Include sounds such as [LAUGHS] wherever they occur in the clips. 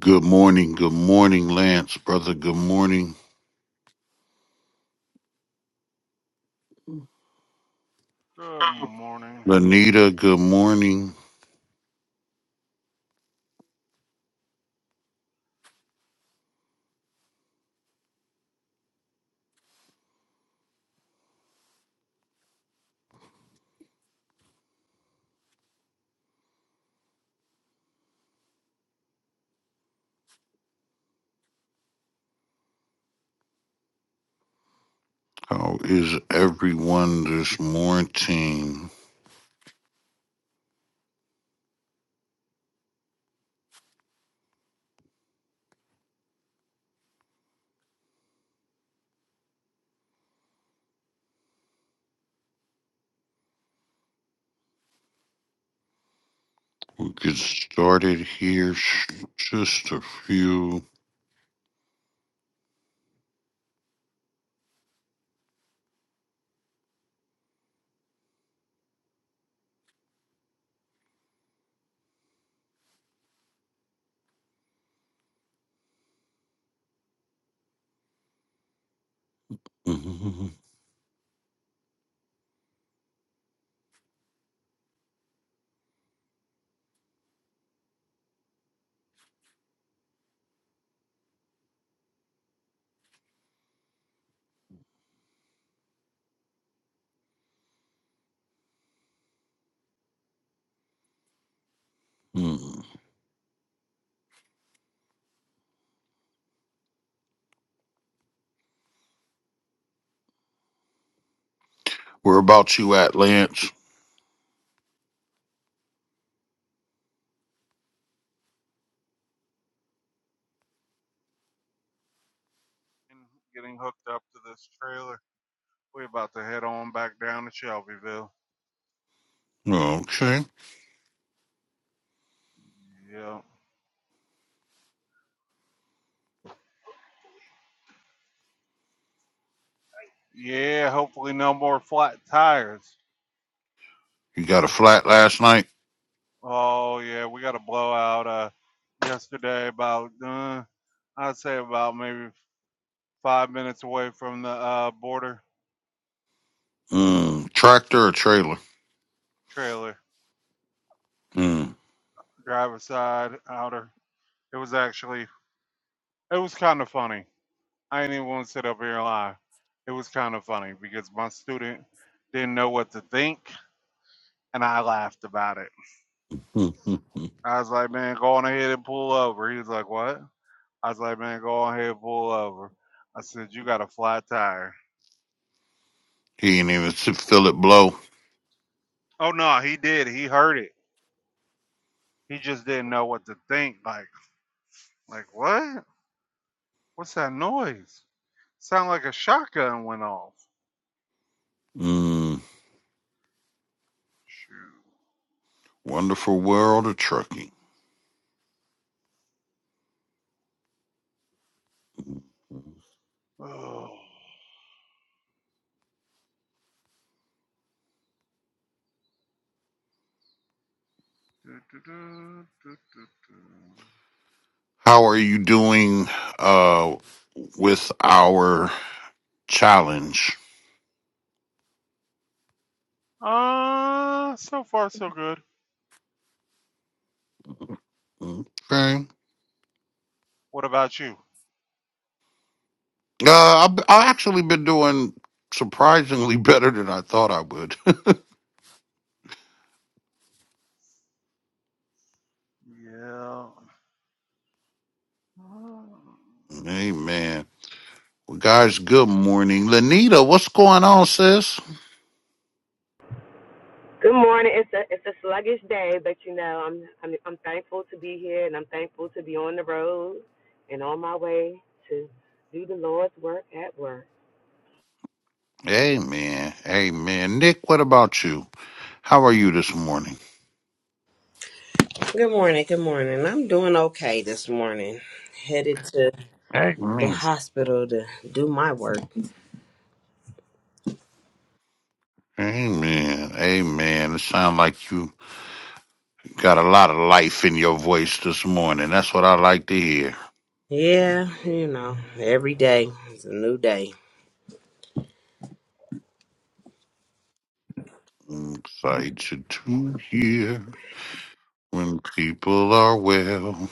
Good morning. Good morning, Lance, brother. Good morning. Good morning. Lanita, good morning. How is everyone this morning? We'll get started here. sh- Just a few. [LAUGHS] Mhm. Where about you at, Lance? And Getting hooked up to this trailer. We're about to head on back down to Shelbyville. Oh, Okay. Yeah. Yeah, hopefully no more flat tires. You got a flat last night? Oh yeah, we got a blowout uh yesterday about uh I'd say about maybe five minutes away from the uh border Mm, tractor or trailer? trailer, Mm. driver side, outer. It was actually it was kinda funny. I ain't even wanna sit up here and lie. It was kinda funny because my student didn't know what to think And I laughed about it. [LAUGHS] he I was like, man, go on ahead and pull over. He was like, what? I was like, man, go on ahead and pull over. I said, you got a flat tire. didn't even s- feel it blow. Oh no, he did. He heard it. He just didn't know what to think. Like, like what? What's that noise? Sound like a shotgun went off. Mm, Shoot. wonderful world of trucking. Oh. Du- du- du- du- du- du. How are you doing uh with our challenge? Uh, so far so good. Okay. What about you? Uh I've, I've actually been doing surprisingly [LAUGHS] better than I thought I would. Yeah. Mm. [LAUGHS] Amen. Well, guys, good morning. Lenita, what's going on, sis? Good morning. It's a it's a sluggish day, but you know I'm I'm I'm thankful to be here, and I'm thankful to be on the road and on my way to do the Lord's work at work. Amen. Amen. Nick, what about you? How are you this morning? Good morning. Good morning. I'm doing okay this morning. Headed to the Amen. hospital to do my work. Amen. Amen. It sounds like you got a lot of life in your voice this morning. That's what I like to hear. Yeah, you know, every day is a new day. Invite you to here when people are well.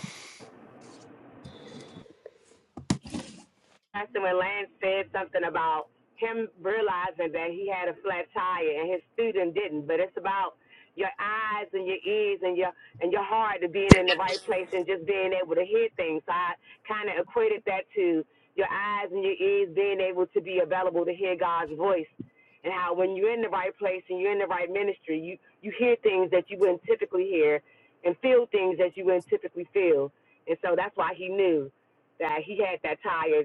Pastor when Lance said something about him realizing that he had a flat tire and his student didn't, but it's about your eyes and your ears and your and your heart to being in the right place and just being able to hear things. So I kind of equated that to your eyes and your ears being able to be available to hear God's voice, and how when you're in the right place and you're in the right ministry, you you hear things that you wouldn't typically hear, and feel things that you wouldn't typically feel. And so that's why he knew that he had that tire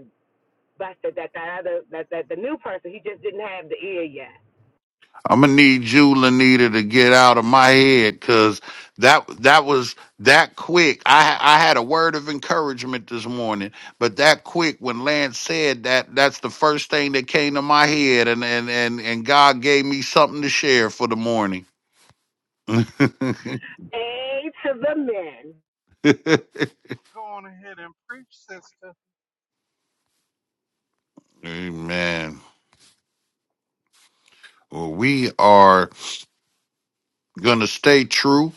but that that that other that that the new person he just didn't have the ear yet. I'm gonna need you, Lanita, to get out of my head, cause that that was that quick. I I had a word of encouragement this morning, but that quick when Lance said that, that's the first thing that came to my head, and and and and God gave me something to share for the morning. A to the men. [LAUGHS] Go on ahead and preach, sister. Amen. Well, we are. going to stay true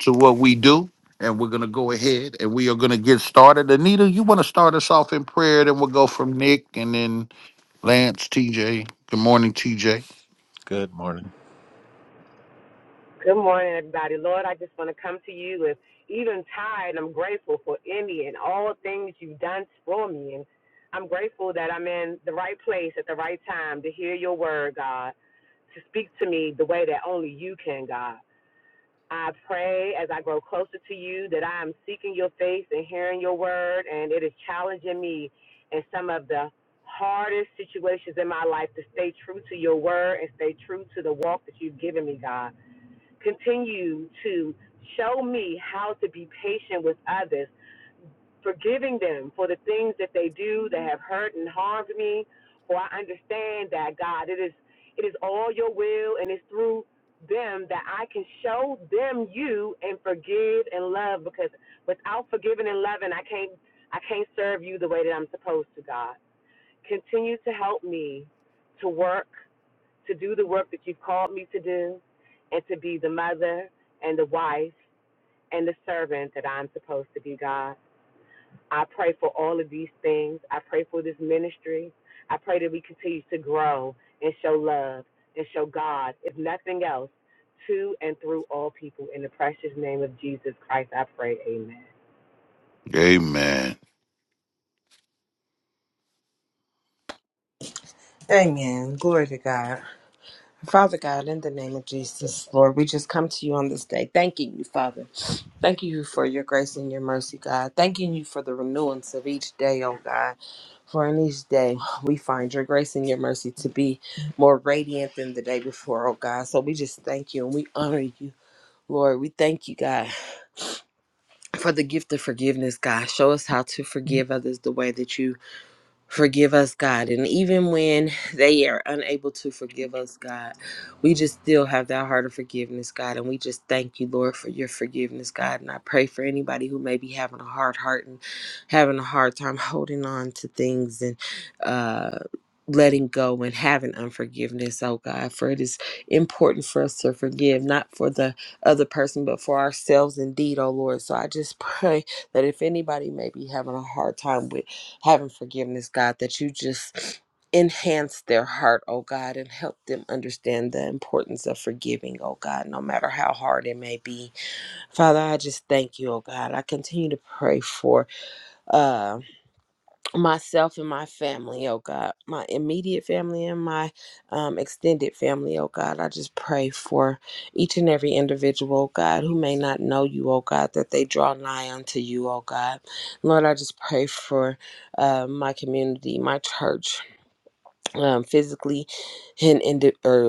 to what we do, and we're going to go ahead and we are going to get started. Anita, you want to start us off in prayer, then we'll go from Nick and then Lance, TJ. Good morning, TJ. Good morning. Good morning, everybody. Lord, I just want to come to you with even tired. I'm grateful for any and all things you've done for me, and I'm grateful that I'm in the right place at the right time to hear your word, God, to speak to me the way that only you can, God. I pray as I grow closer to you that I am seeking your face and hearing your word, and it is challenging me in some of the hardest situations in my life to stay true to your word and stay true to the walk that you've given me, God. Continue to show me how to be patient with others forgiving them for the things that they do that have hurt and harmed me. For I understand that God, it is it is all your will and it's through them that I can show them you and forgive and love because without forgiving and loving I can't I can't serve you the way that I'm supposed to, God. Continue to help me to work, to do the work that you've called me to do, and to be the mother and the wife and the servant that I'm supposed to be, God. I pray for all of these things. I pray for this ministry. I pray that we continue to grow and show love and show God, if nothing else, to and through all people. In the precious name of Jesus Christ, I pray. Amen. Amen. Amen. Glory to God. Father God, in the name of Jesus, Lord, we just come to you on this day, thanking you, Father. Thank you for your grace and your mercy, God. Thanking you for the renewance of each day, oh God. For in each day, we find your grace and your mercy to be more radiant than the day before, oh God. So we just thank you and we honor you Lord, we thank you, God, for the gift of forgiveness, God. Show us how to forgive others the way that you Forgive us, God. And even when they are unable to forgive us, God, we just still have that heart of forgiveness, God. And we just thank you, Lord, for your forgiveness, God. And I pray for anybody who may be having a hard heart and having a hard time [LAUGHS] holding on to things and, uh, Letting go and having unforgiveness, oh God, for it is important for us to forgive, not for the other person, but for ourselves indeed, oh Lord. So I just [LAUGHS] pray that if anybody may be having a hard time with having forgiveness, God, that you just enhance their heart, oh God, and help them understand the importance of forgiving, oh God, no matter how hard it may be. Father, I just thank you, oh God. I continue to pray for. uh myself and my family, oh God, my immediate family and my um, extended family, oh God. I just pray for each and every individual, oh God, who may not know you, oh God, that they draw nigh unto you, oh God. Lord, I just pray for uh, my community, my church, um, physically and, and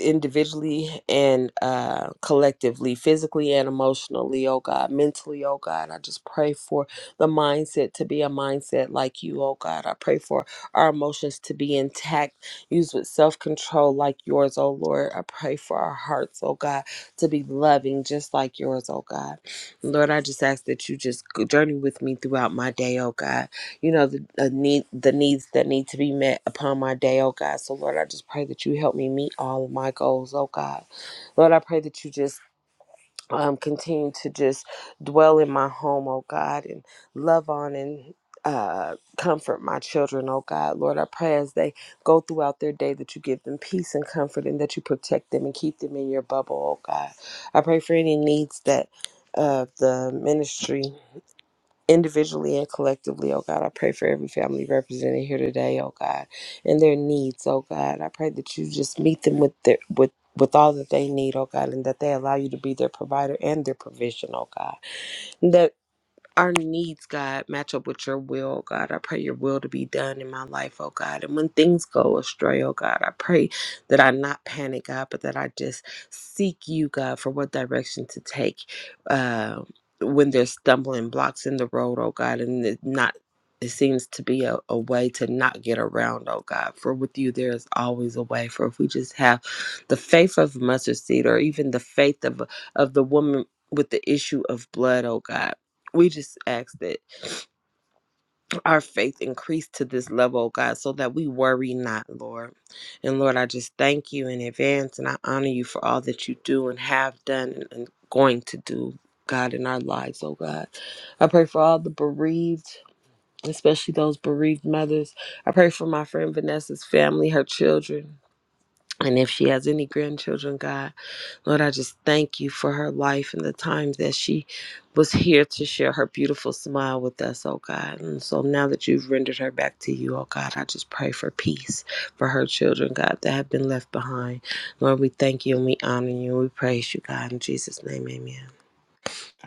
individually and uh, collectively, physically and emotionally, oh God, mentally, oh God. I just pray for the mindset to be a mindset like you, oh God. I pray for our emotions to be intact, used with self control like yours, oh Lord. I pray for our hearts, oh God, to be loving just like yours, oh God. Lord, I just ask that you just journey with me throughout my day, oh God you know the, the need the needs that need to be met upon my day oh god so lord i just pray that you help me meet all of my goals oh god lord i pray that you just um, continue to just dwell in my home oh god and love on and uh, comfort my children, oh God. Lord, I pray as they go throughout their day that you give them peace and comfort and that you protect them and keep them in your bubble, oh God. I pray for any needs that uh, the ministry individually and collectively, oh God. I pray for every family represented here today, oh God, and their needs, oh God. I pray that you just meet them with their with with all that they need, oh God, and that they allow you to be their provider and their provision, oh God our needs, God, match up with your will, God. I pray your will to be done in my life, oh God. And when things go astray, oh God, I pray that I not panic, God, but that I just seek you, God, for what direction to take uh, when there's stumbling blocks in the road, oh God, and it not. It seems to be a, a way to not get around, oh God. For with you, there is always a way. For if we just have the faith of mustard seed or even the faith of, of the woman with the issue of blood, oh God we just ask that our faith increase to this level, oh God, so that we worry not, Lord. And Lord, I just thank you in advance and I honor you for all that you do and have done and, and going to do, God, in our lives, oh God. I pray for all the bereaved, especially those bereaved mothers. I pray for my friend Vanessa's family, her children. And if she has any grandchildren, God. Lord, I just thank you for her life and the time that she was here to share her beautiful smile with us, oh God. And so now that you've rendered her back to you, oh God, I just pray for peace for her children, God, that have been left behind. Lord, we thank you and we honor you and we praise you, God. In Jesus' name, amen.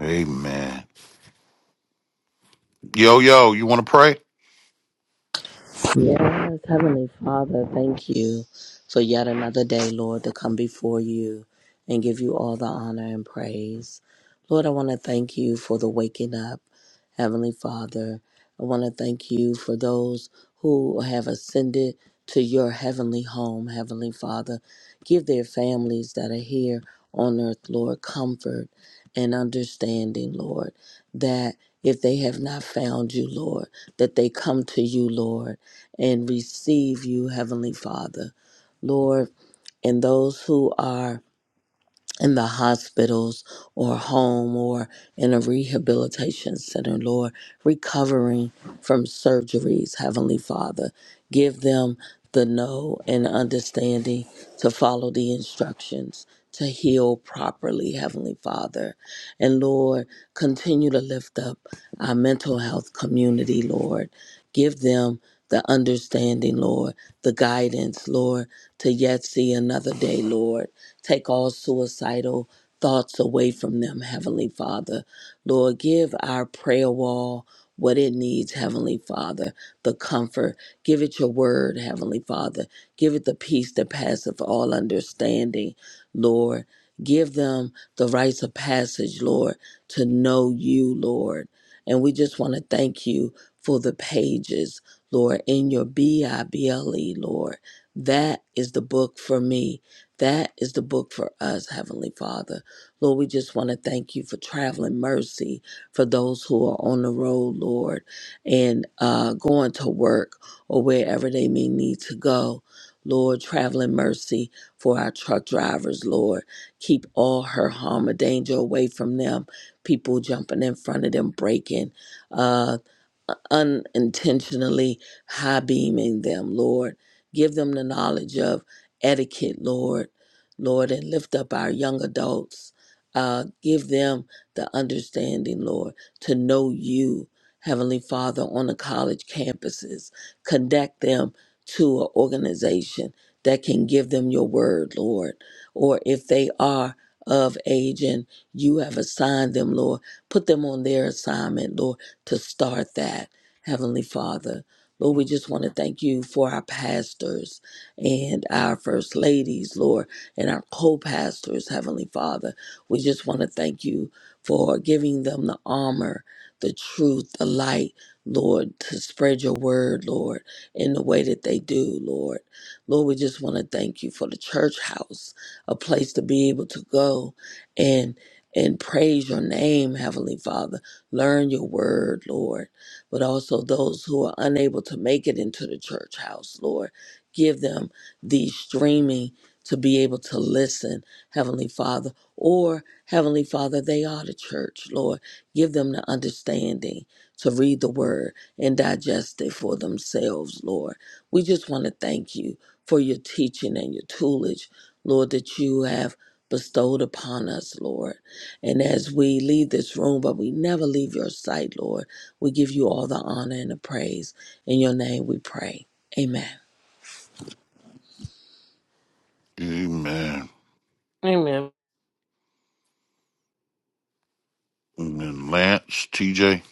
Amen. Yo, yo, you want to pray? Yes, Heavenly Father, thank you for yet another day, Lord, to come before you and give you all the honor and praise. Lord, I want to thank you for the waking up, Heavenly Father. I want to thank you for those who have ascended to your heavenly home, Heavenly Father. Give their families that are here on earth, Lord, comfort and understanding, Lord, that if they have not found you, Lord, that they come to you, Lord and receive you, Heavenly Father. Lord, and those who are in the hospitals or home or in a rehabilitation center, Lord, recovering from surgeries, Heavenly Father. Give them the know and understanding to follow the instructions. To heal properly, Heavenly Father. And Lord, continue to lift up our mental health community, Lord. Give them the understanding, Lord, the guidance, Lord, to yet see another day, Lord Take all suicidal thoughts away from them, Heavenly Father. Lord, give our prayer wall what it needs, Heavenly Father, the comfort. Give it your word, Heavenly Father. Give it the peace that passeth all understanding, Lord. Give them the rites of passage, Lord, to know you, Lord. And we just want to thank you for the pages, Lord, in your B I B L E, Lord. That is the book for me. That is the book for us, Heavenly Father. Lord, we just want to thank you for traveling mercy for those who are on the road, Lord, and uh, going to work or wherever they may need to go. Lord, traveling mercy for our truck drivers, Lord. Keep all her harm or danger away from them. People jumping in front of them, breaking. uh, unintentionally high beaming them, Lord. Give them the knowledge of etiquette, Lord, Lord, and lift up our young adults. Uh, give them the understanding, Lord, to know you, Heavenly Father, on the college campuses. Connect them to an organization that can give them your word, Lord. Or if they are of age and you have assigned them, Lord, put them on their assignment, Lord to start that, Heavenly Father. Lord, we just want to thank you for our pastors and our first ladies, Lord, and our co pastors, Heavenly Father. We just want to thank you for giving them the armor, the truth, the light, Lord, to spread your word, Lord, in the way that they do, Lord. Lord, we just want to thank you for the church house, a place to be able to go and and praise your name, Heavenly Father Learn your word, Lord, but also those who are unable to make it into the church house, Lord. Give them the streaming to be able to listen, Heavenly Father, or Heavenly Father, they are the church, Lord. Give them the understanding to read the word and digest it for themselves, Lord. We just want to thank you for your teaching and your toolage, Lord, that you have bestowed upon us, Lord. And as we leave this room, but we never leave your sight, Lord, we give you all the honor and the praise. In your name we pray. Amen. Amen. Amen. And then Lance, TJ.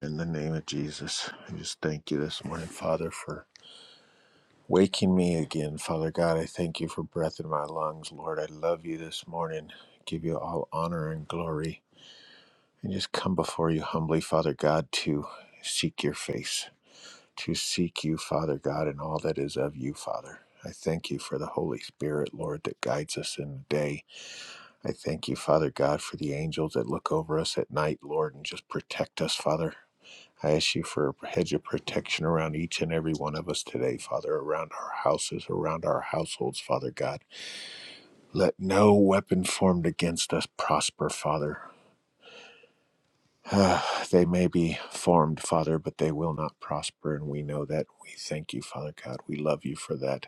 In the name of Jesus, I just thank you this morning, Father, for waking me again. Father God, I thank you for breath in my lungs. Lord, I love you this morning. Give you all honor and glory. And just come before you humbly, Father God, to seek your face, to seek you, Father God, and all that is of you, Father. I thank you for the Holy Spirit, Lord, that guides us in the day. I thank you, Father God, for the angels that look over us at night, Lord, and just protect us, Father. I ask you for a hedge of protection around each and every one of us today, Father, around our houses, around our households, Father God. Let no weapon formed against us prosper, Father. [SIGHS] Ah, they may be formed, Father, but they will not prosper, and we know that. We thank you, Father God. We love you for that.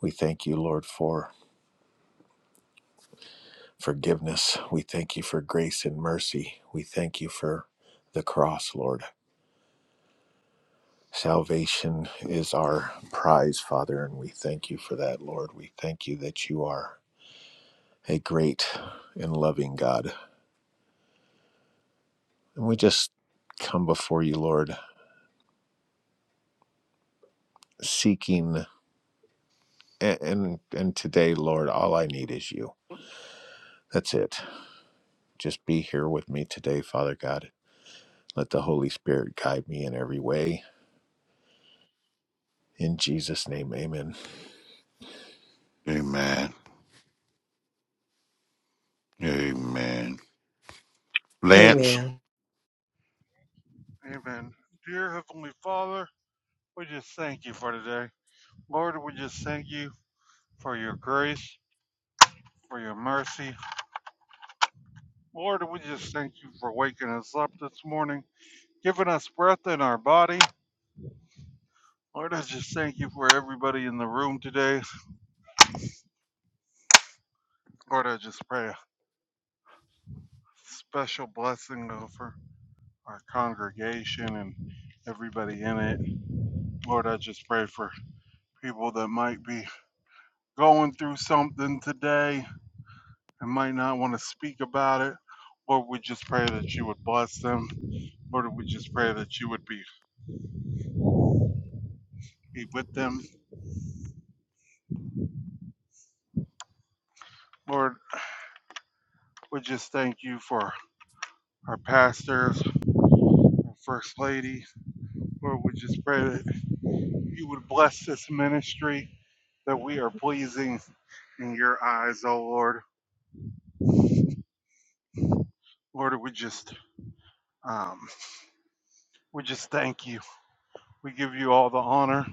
We thank you, Lord, for forgiveness. We thank you for grace and mercy. We thank you for the cross, Lord. Salvation is our prize, Father, and we thank you for that, Lord. We thank you that you are a great and loving God. And we just come before you, Lord, seeking and and, and today, Lord, all I need is you. That's it. Just be here with me today, Father God. Let the Holy Spirit guide me in every way. In Jesus' name, amen. Amen. Amen. Lance. Amen. Amen. Dear Heavenly Father, we just thank you for today. Lord, we just thank you for your grace, for your mercy. Lord, we just thank you for waking us up this morning, giving us breath in our body. Lord, I just thank you for everybody in the room today. Lord, I just pray a special blessing over our congregation and everybody in it. Lord, I just pray for people that might be going through something today. and might not want to speak about it, or we just pray that you would bless them, or we just pray that you would be, be with them. Lord, we just thank you for our pastors, our First Lady. Lord, we just pray that you would bless this ministry, that we are pleasing in your eyes, oh Lord. Lord, we just um, we just thank you. We give you all the honor,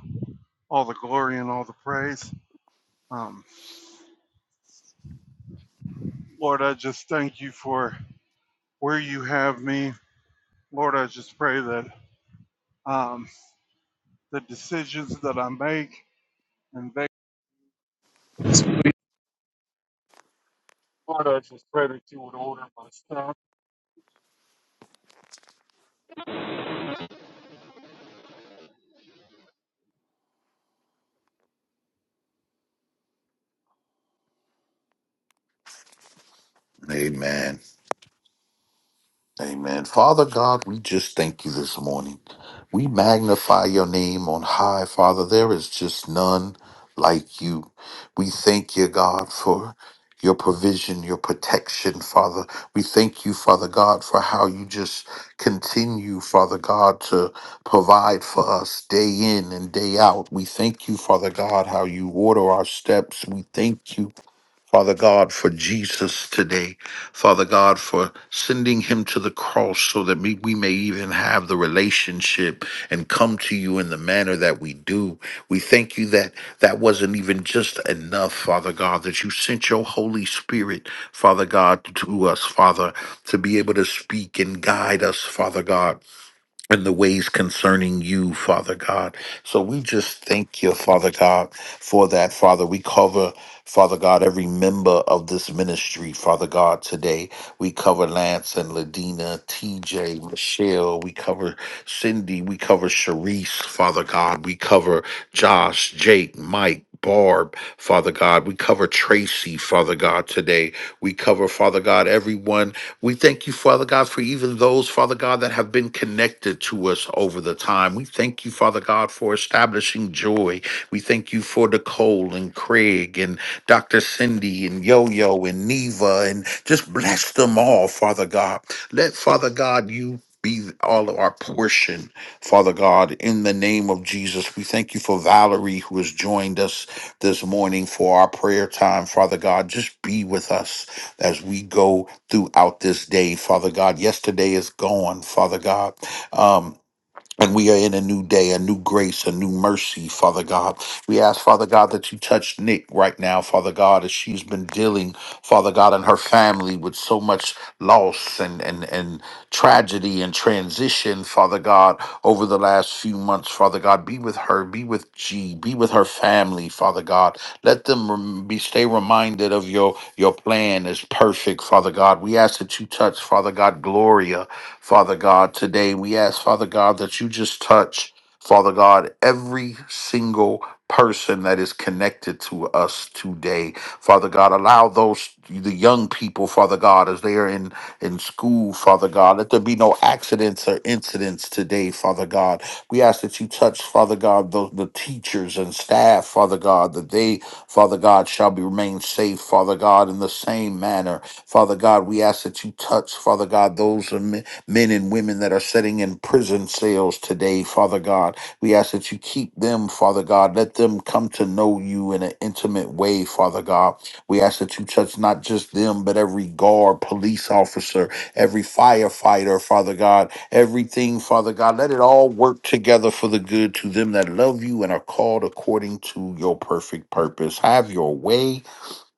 all the glory, and all the praise. Um, Lord, I just thank you for where you have me Lord, I just pray that um, the decisions that I make and they. Amen. Amen. Father God, we just thank you this morning. We magnify your name on high, Father. There is just none like you. We thank you, God, for your provision, your protection, Father. We thank you, Father God, for how you just continue, Father God, to provide for us day in and day out. We thank you, Father God, how you order our steps. We thank you. Father God, for Jesus today. Father God, for sending him to the cross so that we, we may even have the relationship and come to you in the manner that we do. We thank you that that wasn't even just enough, Father God, that you sent your Holy Spirit, Father God, to us, Father, to be able to speak and guide us, Father God and the ways concerning you, Father God. So we just thank you, Father God, for that, Father. We cover, Father God, every member of this ministry, Father God, today. We cover Lance and Ladina, TJ, Michelle. We cover Cindy. We cover Sharice, Father God. We cover Josh, Jake, Mike. Barb, Father God. We cover Tracy, Father God, today. We cover, Father God, everyone. We thank you, Father God, for even those, Father God, that have been connected to us over the time. We thank you, Father God, for establishing joy. We thank you for Nicole and Craig and Dr. Cindy and Yo Yo and Neva and just bless them all, Father God. Let, Father God, you be all of our portion, Father God, in the name of Jesus. We thank you for Valerie who has joined us this morning for our prayer time, Father God. Just be with us as we go throughout this day, Father God. Yesterday is gone, Father God. Um, and we are in a new day, a new grace, a new mercy, Father God. We ask, Father God, that you touch Nick right now, Father God, as she's been dealing, Father God, and her family with so much loss and, and, and tragedy and transition, Father God, over the last few months, Father God. Be with her, be with G, be with her family, Father God. Let them rem- be stay reminded of your, your plan is perfect, Father God. We ask that you touch, Father God, Gloria. Father God, today. We ask, Father God, that you just touch, Father God, every single person that is connected to us today. Father God, allow those the young people, Father God, as they are in in school, Father God, let there be no accidents or incidents today, Father God. We ask that you touch, Father God, the, the teachers and staff, Father God, that they, Father God, shall be remain safe, Father God, in the same manner. Father God, we ask that you touch, Father God, those men and women that are sitting in prison cells today, Father God. We ask that you keep them, Father God. Let them come to know you in an intimate way, Father God. We ask that you touch not just them, but every guard, police officer, every firefighter, Father God, everything, Father God. Let it all work together for the good to them that love you and are called according to your perfect purpose. Have your way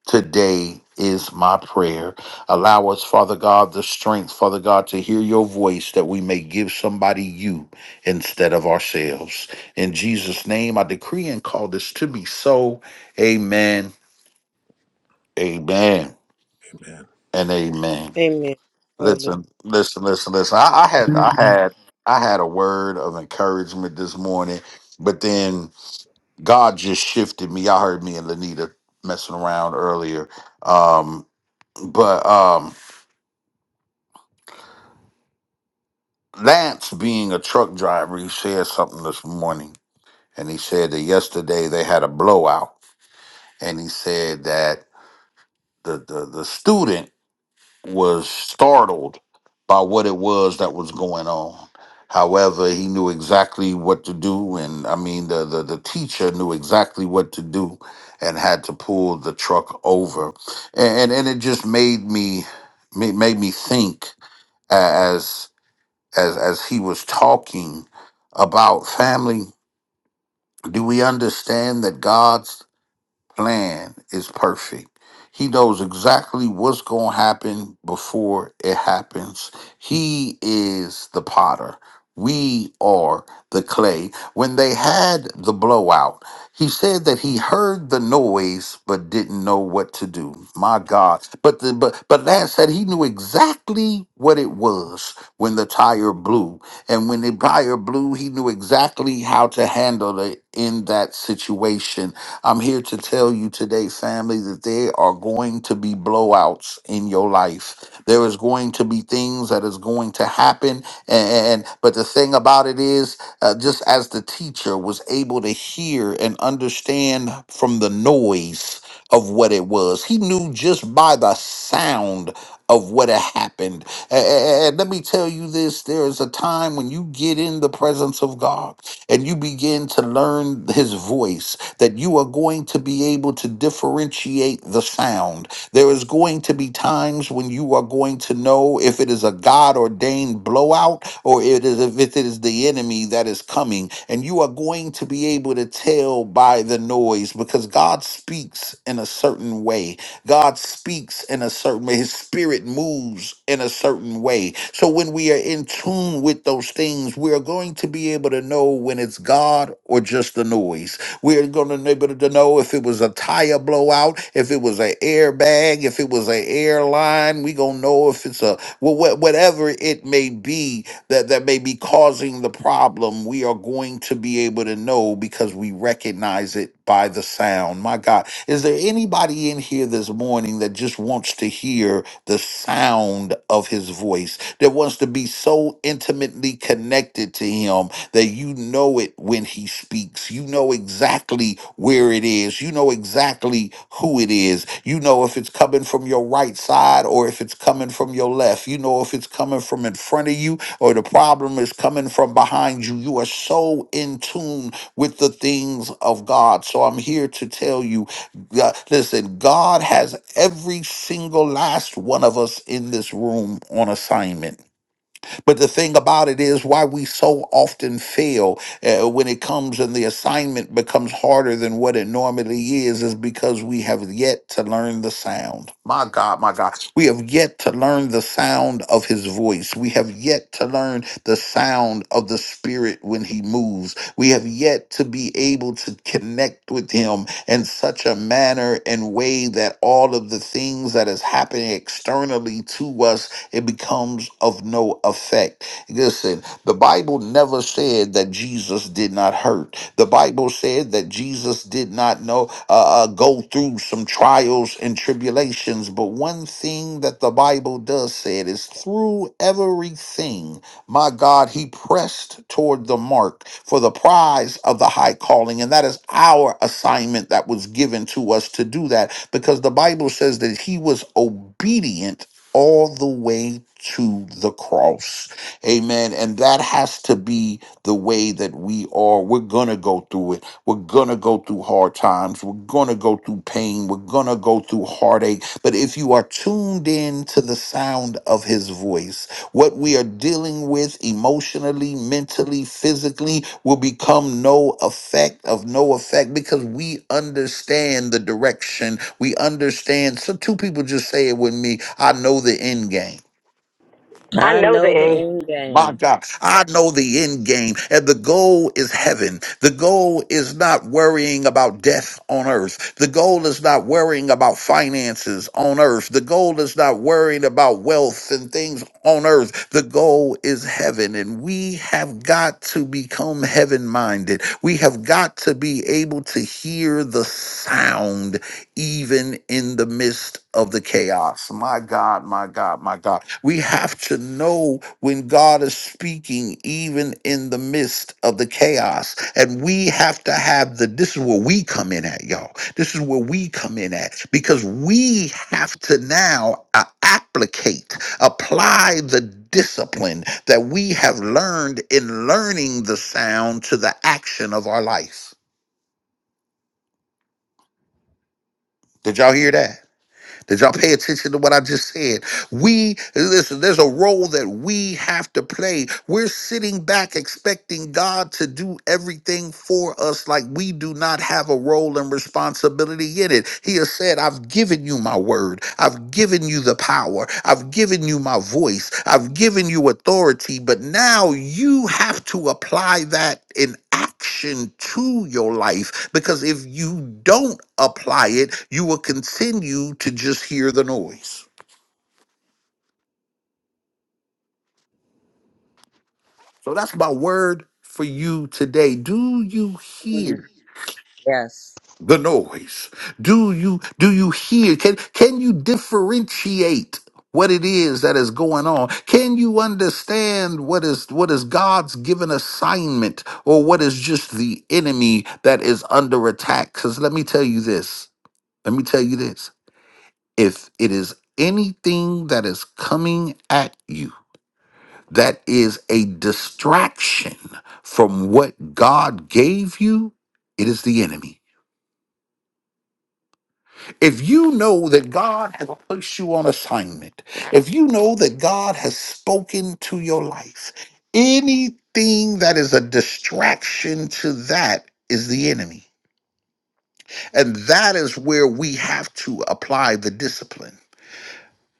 today is my prayer. Allow us, Father God, the strength, Father God, to hear your voice that we may give somebody you instead of ourselves. In Jesus' name, I decree and call this to be so. Amen. Amen. Amen. And amen. Amen. Hallelujah. Listen, listen, listen, listen. I, I had I had I had a word of encouragement this morning, but then God just shifted me. I heard me and Lanita messing around earlier. Um, but um Lance, being a truck driver, he said something this morning, and he said that yesterday they had a blowout, and he said that the the, the student was startled by what it was that was going on. However, he knew exactly what to do, and I mean the the, the teacher knew exactly what to do, and had to pull the truck over, and and, and it just made me made made me think. as as as he was talking about family do we understand that god plan is perfect. He knows exactly what's going to happen before it happens. He is the potter. We are the clay. When they had the blowout, he said that he heard the noise but didn't know what to do. My God. But the but but Lance said he knew exactly what it was when the tire blew. And when the tire blew, he knew exactly how to handle it in that situation I'm here to tell you today, family, that there are going to be blowouts in your life. There is going to be things that is going to happen. And, and but the thing about it is, uh, just as the teacher was able to hear and understand from the noise of what it was, he knew just by the sound of what had happened. A- a- And let me tell you this there is a time when you get in the presence of God and you begin to learn his voice that you are going to be able to differentiate the sound. There is going to be times when you are going to know if it is a God ordained blowout or it is if it is the enemy that is coming. And you are going to be able to tell by the noise because God speaks in a certain way. God speaks in a certain way. His spirit moves in a certain way. So when we are in tune with those things, we are going to be able to know when it's God or just the noise. We're going to be able to know if it was a tire blowout, if it was an airbag, if it was an airline. We're going to know if it's a wha- wha- whatever it may be that, that may be causing the problem. We are going to be able to know because we recognize it by the sound. My God, is there anybody in here this morning that just wants to hear the sound of his voice, that wants to be so intimately connected to him? that you know it when he speaks. You know exactly where it is. You know exactly who it is. You know if it's coming from your right side or if it's coming from your left. You know if it's coming from in front of you or the problem is coming from behind you. You are so in tune with the things of God. So I'm here to tell you God, listen, God has every single last one of us in this room on assignment. But the thing about it is why we so often fail uh, when it comes and the assignment becomes harder than what it normally is is because we have yet to learn the sound. My God, my God. We have yet to learn the sound of his voice. We have yet to learn the sound of the spirit when he moves. We have yet to be able to connect with him in such a manner and way that all of the things that is happening externally to us it becomes of no effect. Listen, the Bible never said that Jesus did not hurt. The Bible said that Jesus did not know uh, uh, go through some trials and tribulations. But one thing that the Bible does say it is through everything, my God, He pressed toward the mark for the prize of the high calling, and that is our assignment that was given to us to do that, because the Bible says that He was obedient all the way to the cross. Amen. And that has to be the way that we are. We're going to go through it. We're going to go through hard times. We're going to go through pain. We're going to go through heartache. But if you are tuned in to the sound of his voice, what we are dealing with emotionally, mentally, physically will become no effect of no effect because we understand the direction. We understand. So two people just say it with me. I know the end game. I I know the know the end. end My game. God, I know the end game, and the goal is heaven. The goal is not worrying about death on earth. The goal is not worrying about finances on earth. The goal is not worrying about wealth and things on earth. The goal is heaven, and we have got to become heaven minded. We have got to be able to hear the sound even in the midst of the chaos. My God, my God, my God. We have to know when God is speaking, even in the midst of the chaos. And we have to have the, this is where we come in at, y'all. This is where we come in at because we have to now uh, applicate, apply the discipline that we have learned in learning the sound to the action of our life. Did y'all hear that? Did y'all pay attention to what I just said? We, listen, there's a role that we have to play. We're sitting back expecting God to do everything for us like we do not have a role and responsibility in it. He has said, I've given you my word. I've given you the power. I've given you my voice. I've given you authority. But now you have to apply that in action to your life because if you don't apply it, you will continue to just hear the noise. So that's my word for you today. Do you Mm, hear Yes. the noise? Do you do you hear? Can can you differentiate what it is that is going on? Can you understand what is what is God's given assignment or what is just the enemy that is under attack? Cuz let me tell you this. Let me tell you this. If it is anything that is coming at you that is a distraction from what God gave you, it is the enemy. If you know that God has placed you on assignment, if you know that God has spoken to your life, anything that is a distraction to that is the enemy. And that is where we have to apply the discipline.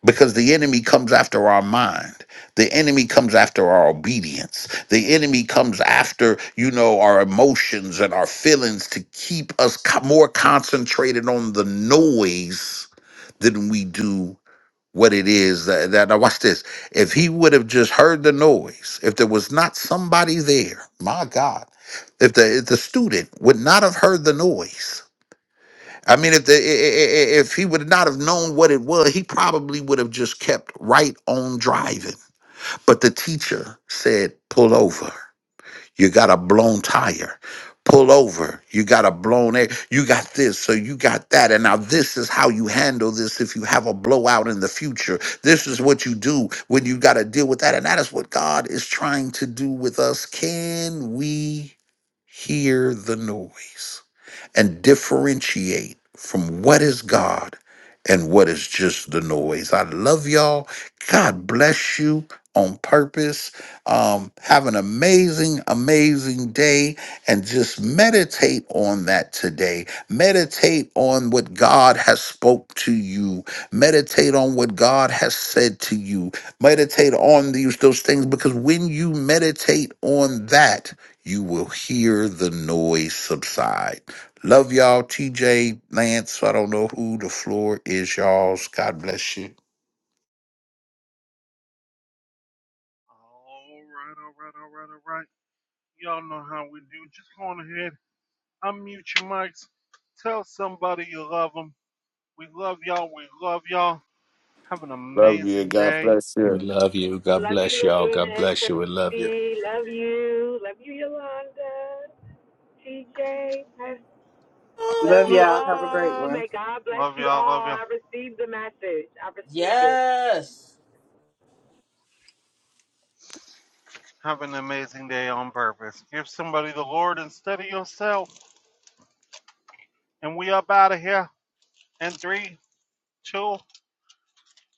because the enemy comes after our mind the enemy comes after our obedience the enemy comes after you know our emotions and our feelings to keep us co- more concentrated on the noise than we do what it is that, that now watch this if he would have just heard the noise if there was not somebody there my god if the if the student would not have heard the noise I mean, if the i- i- i- if he would not have known what it was, he probably would have just kept right on driving. But the teacher said, "Pull over." You got a blown tire. Pull over. You got a blown air. You got this. So you got that. And now this is how you handle this if you have a blowout in the future. This is what you do when you got to deal with that. And that is what God is trying to do with us. Can we hear the noise and differentiate from what is God and what is just the noise? I love y'all. God bless you on purpose. Um, have an amazing, amazing day and just meditate on that today. Meditate on what God has spoke to you. Meditate on what God has said to you. Meditate on these those things because when you meditate on that, you will hear the noise subside. Love y'all, TJ, Lance. I don't know who the floor is, y'all's. God bless you. All right, all right, all right, all right. Y'all know how we do. Just go on ahead, unmute your mics, tell somebody you love them. We love y'all. We love y'all. Have an Love you. amazing God day. bless We you. love you. God Love you, bless y'all. God Lavina, bless you. We love you. Tracy. Love you. Love you, Yolanda, TJ. Love Love you y'all. Have a great all. one. May God bless Love you y'all. Love all. y'all. I received the message. I receive it. Yes. Have an amazing day on purpose. Give somebody the Lord instead of yourself. And we up out of here in three, two,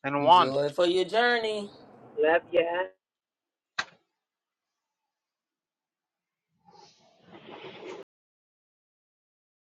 and one. Joy for your journey. Love ya.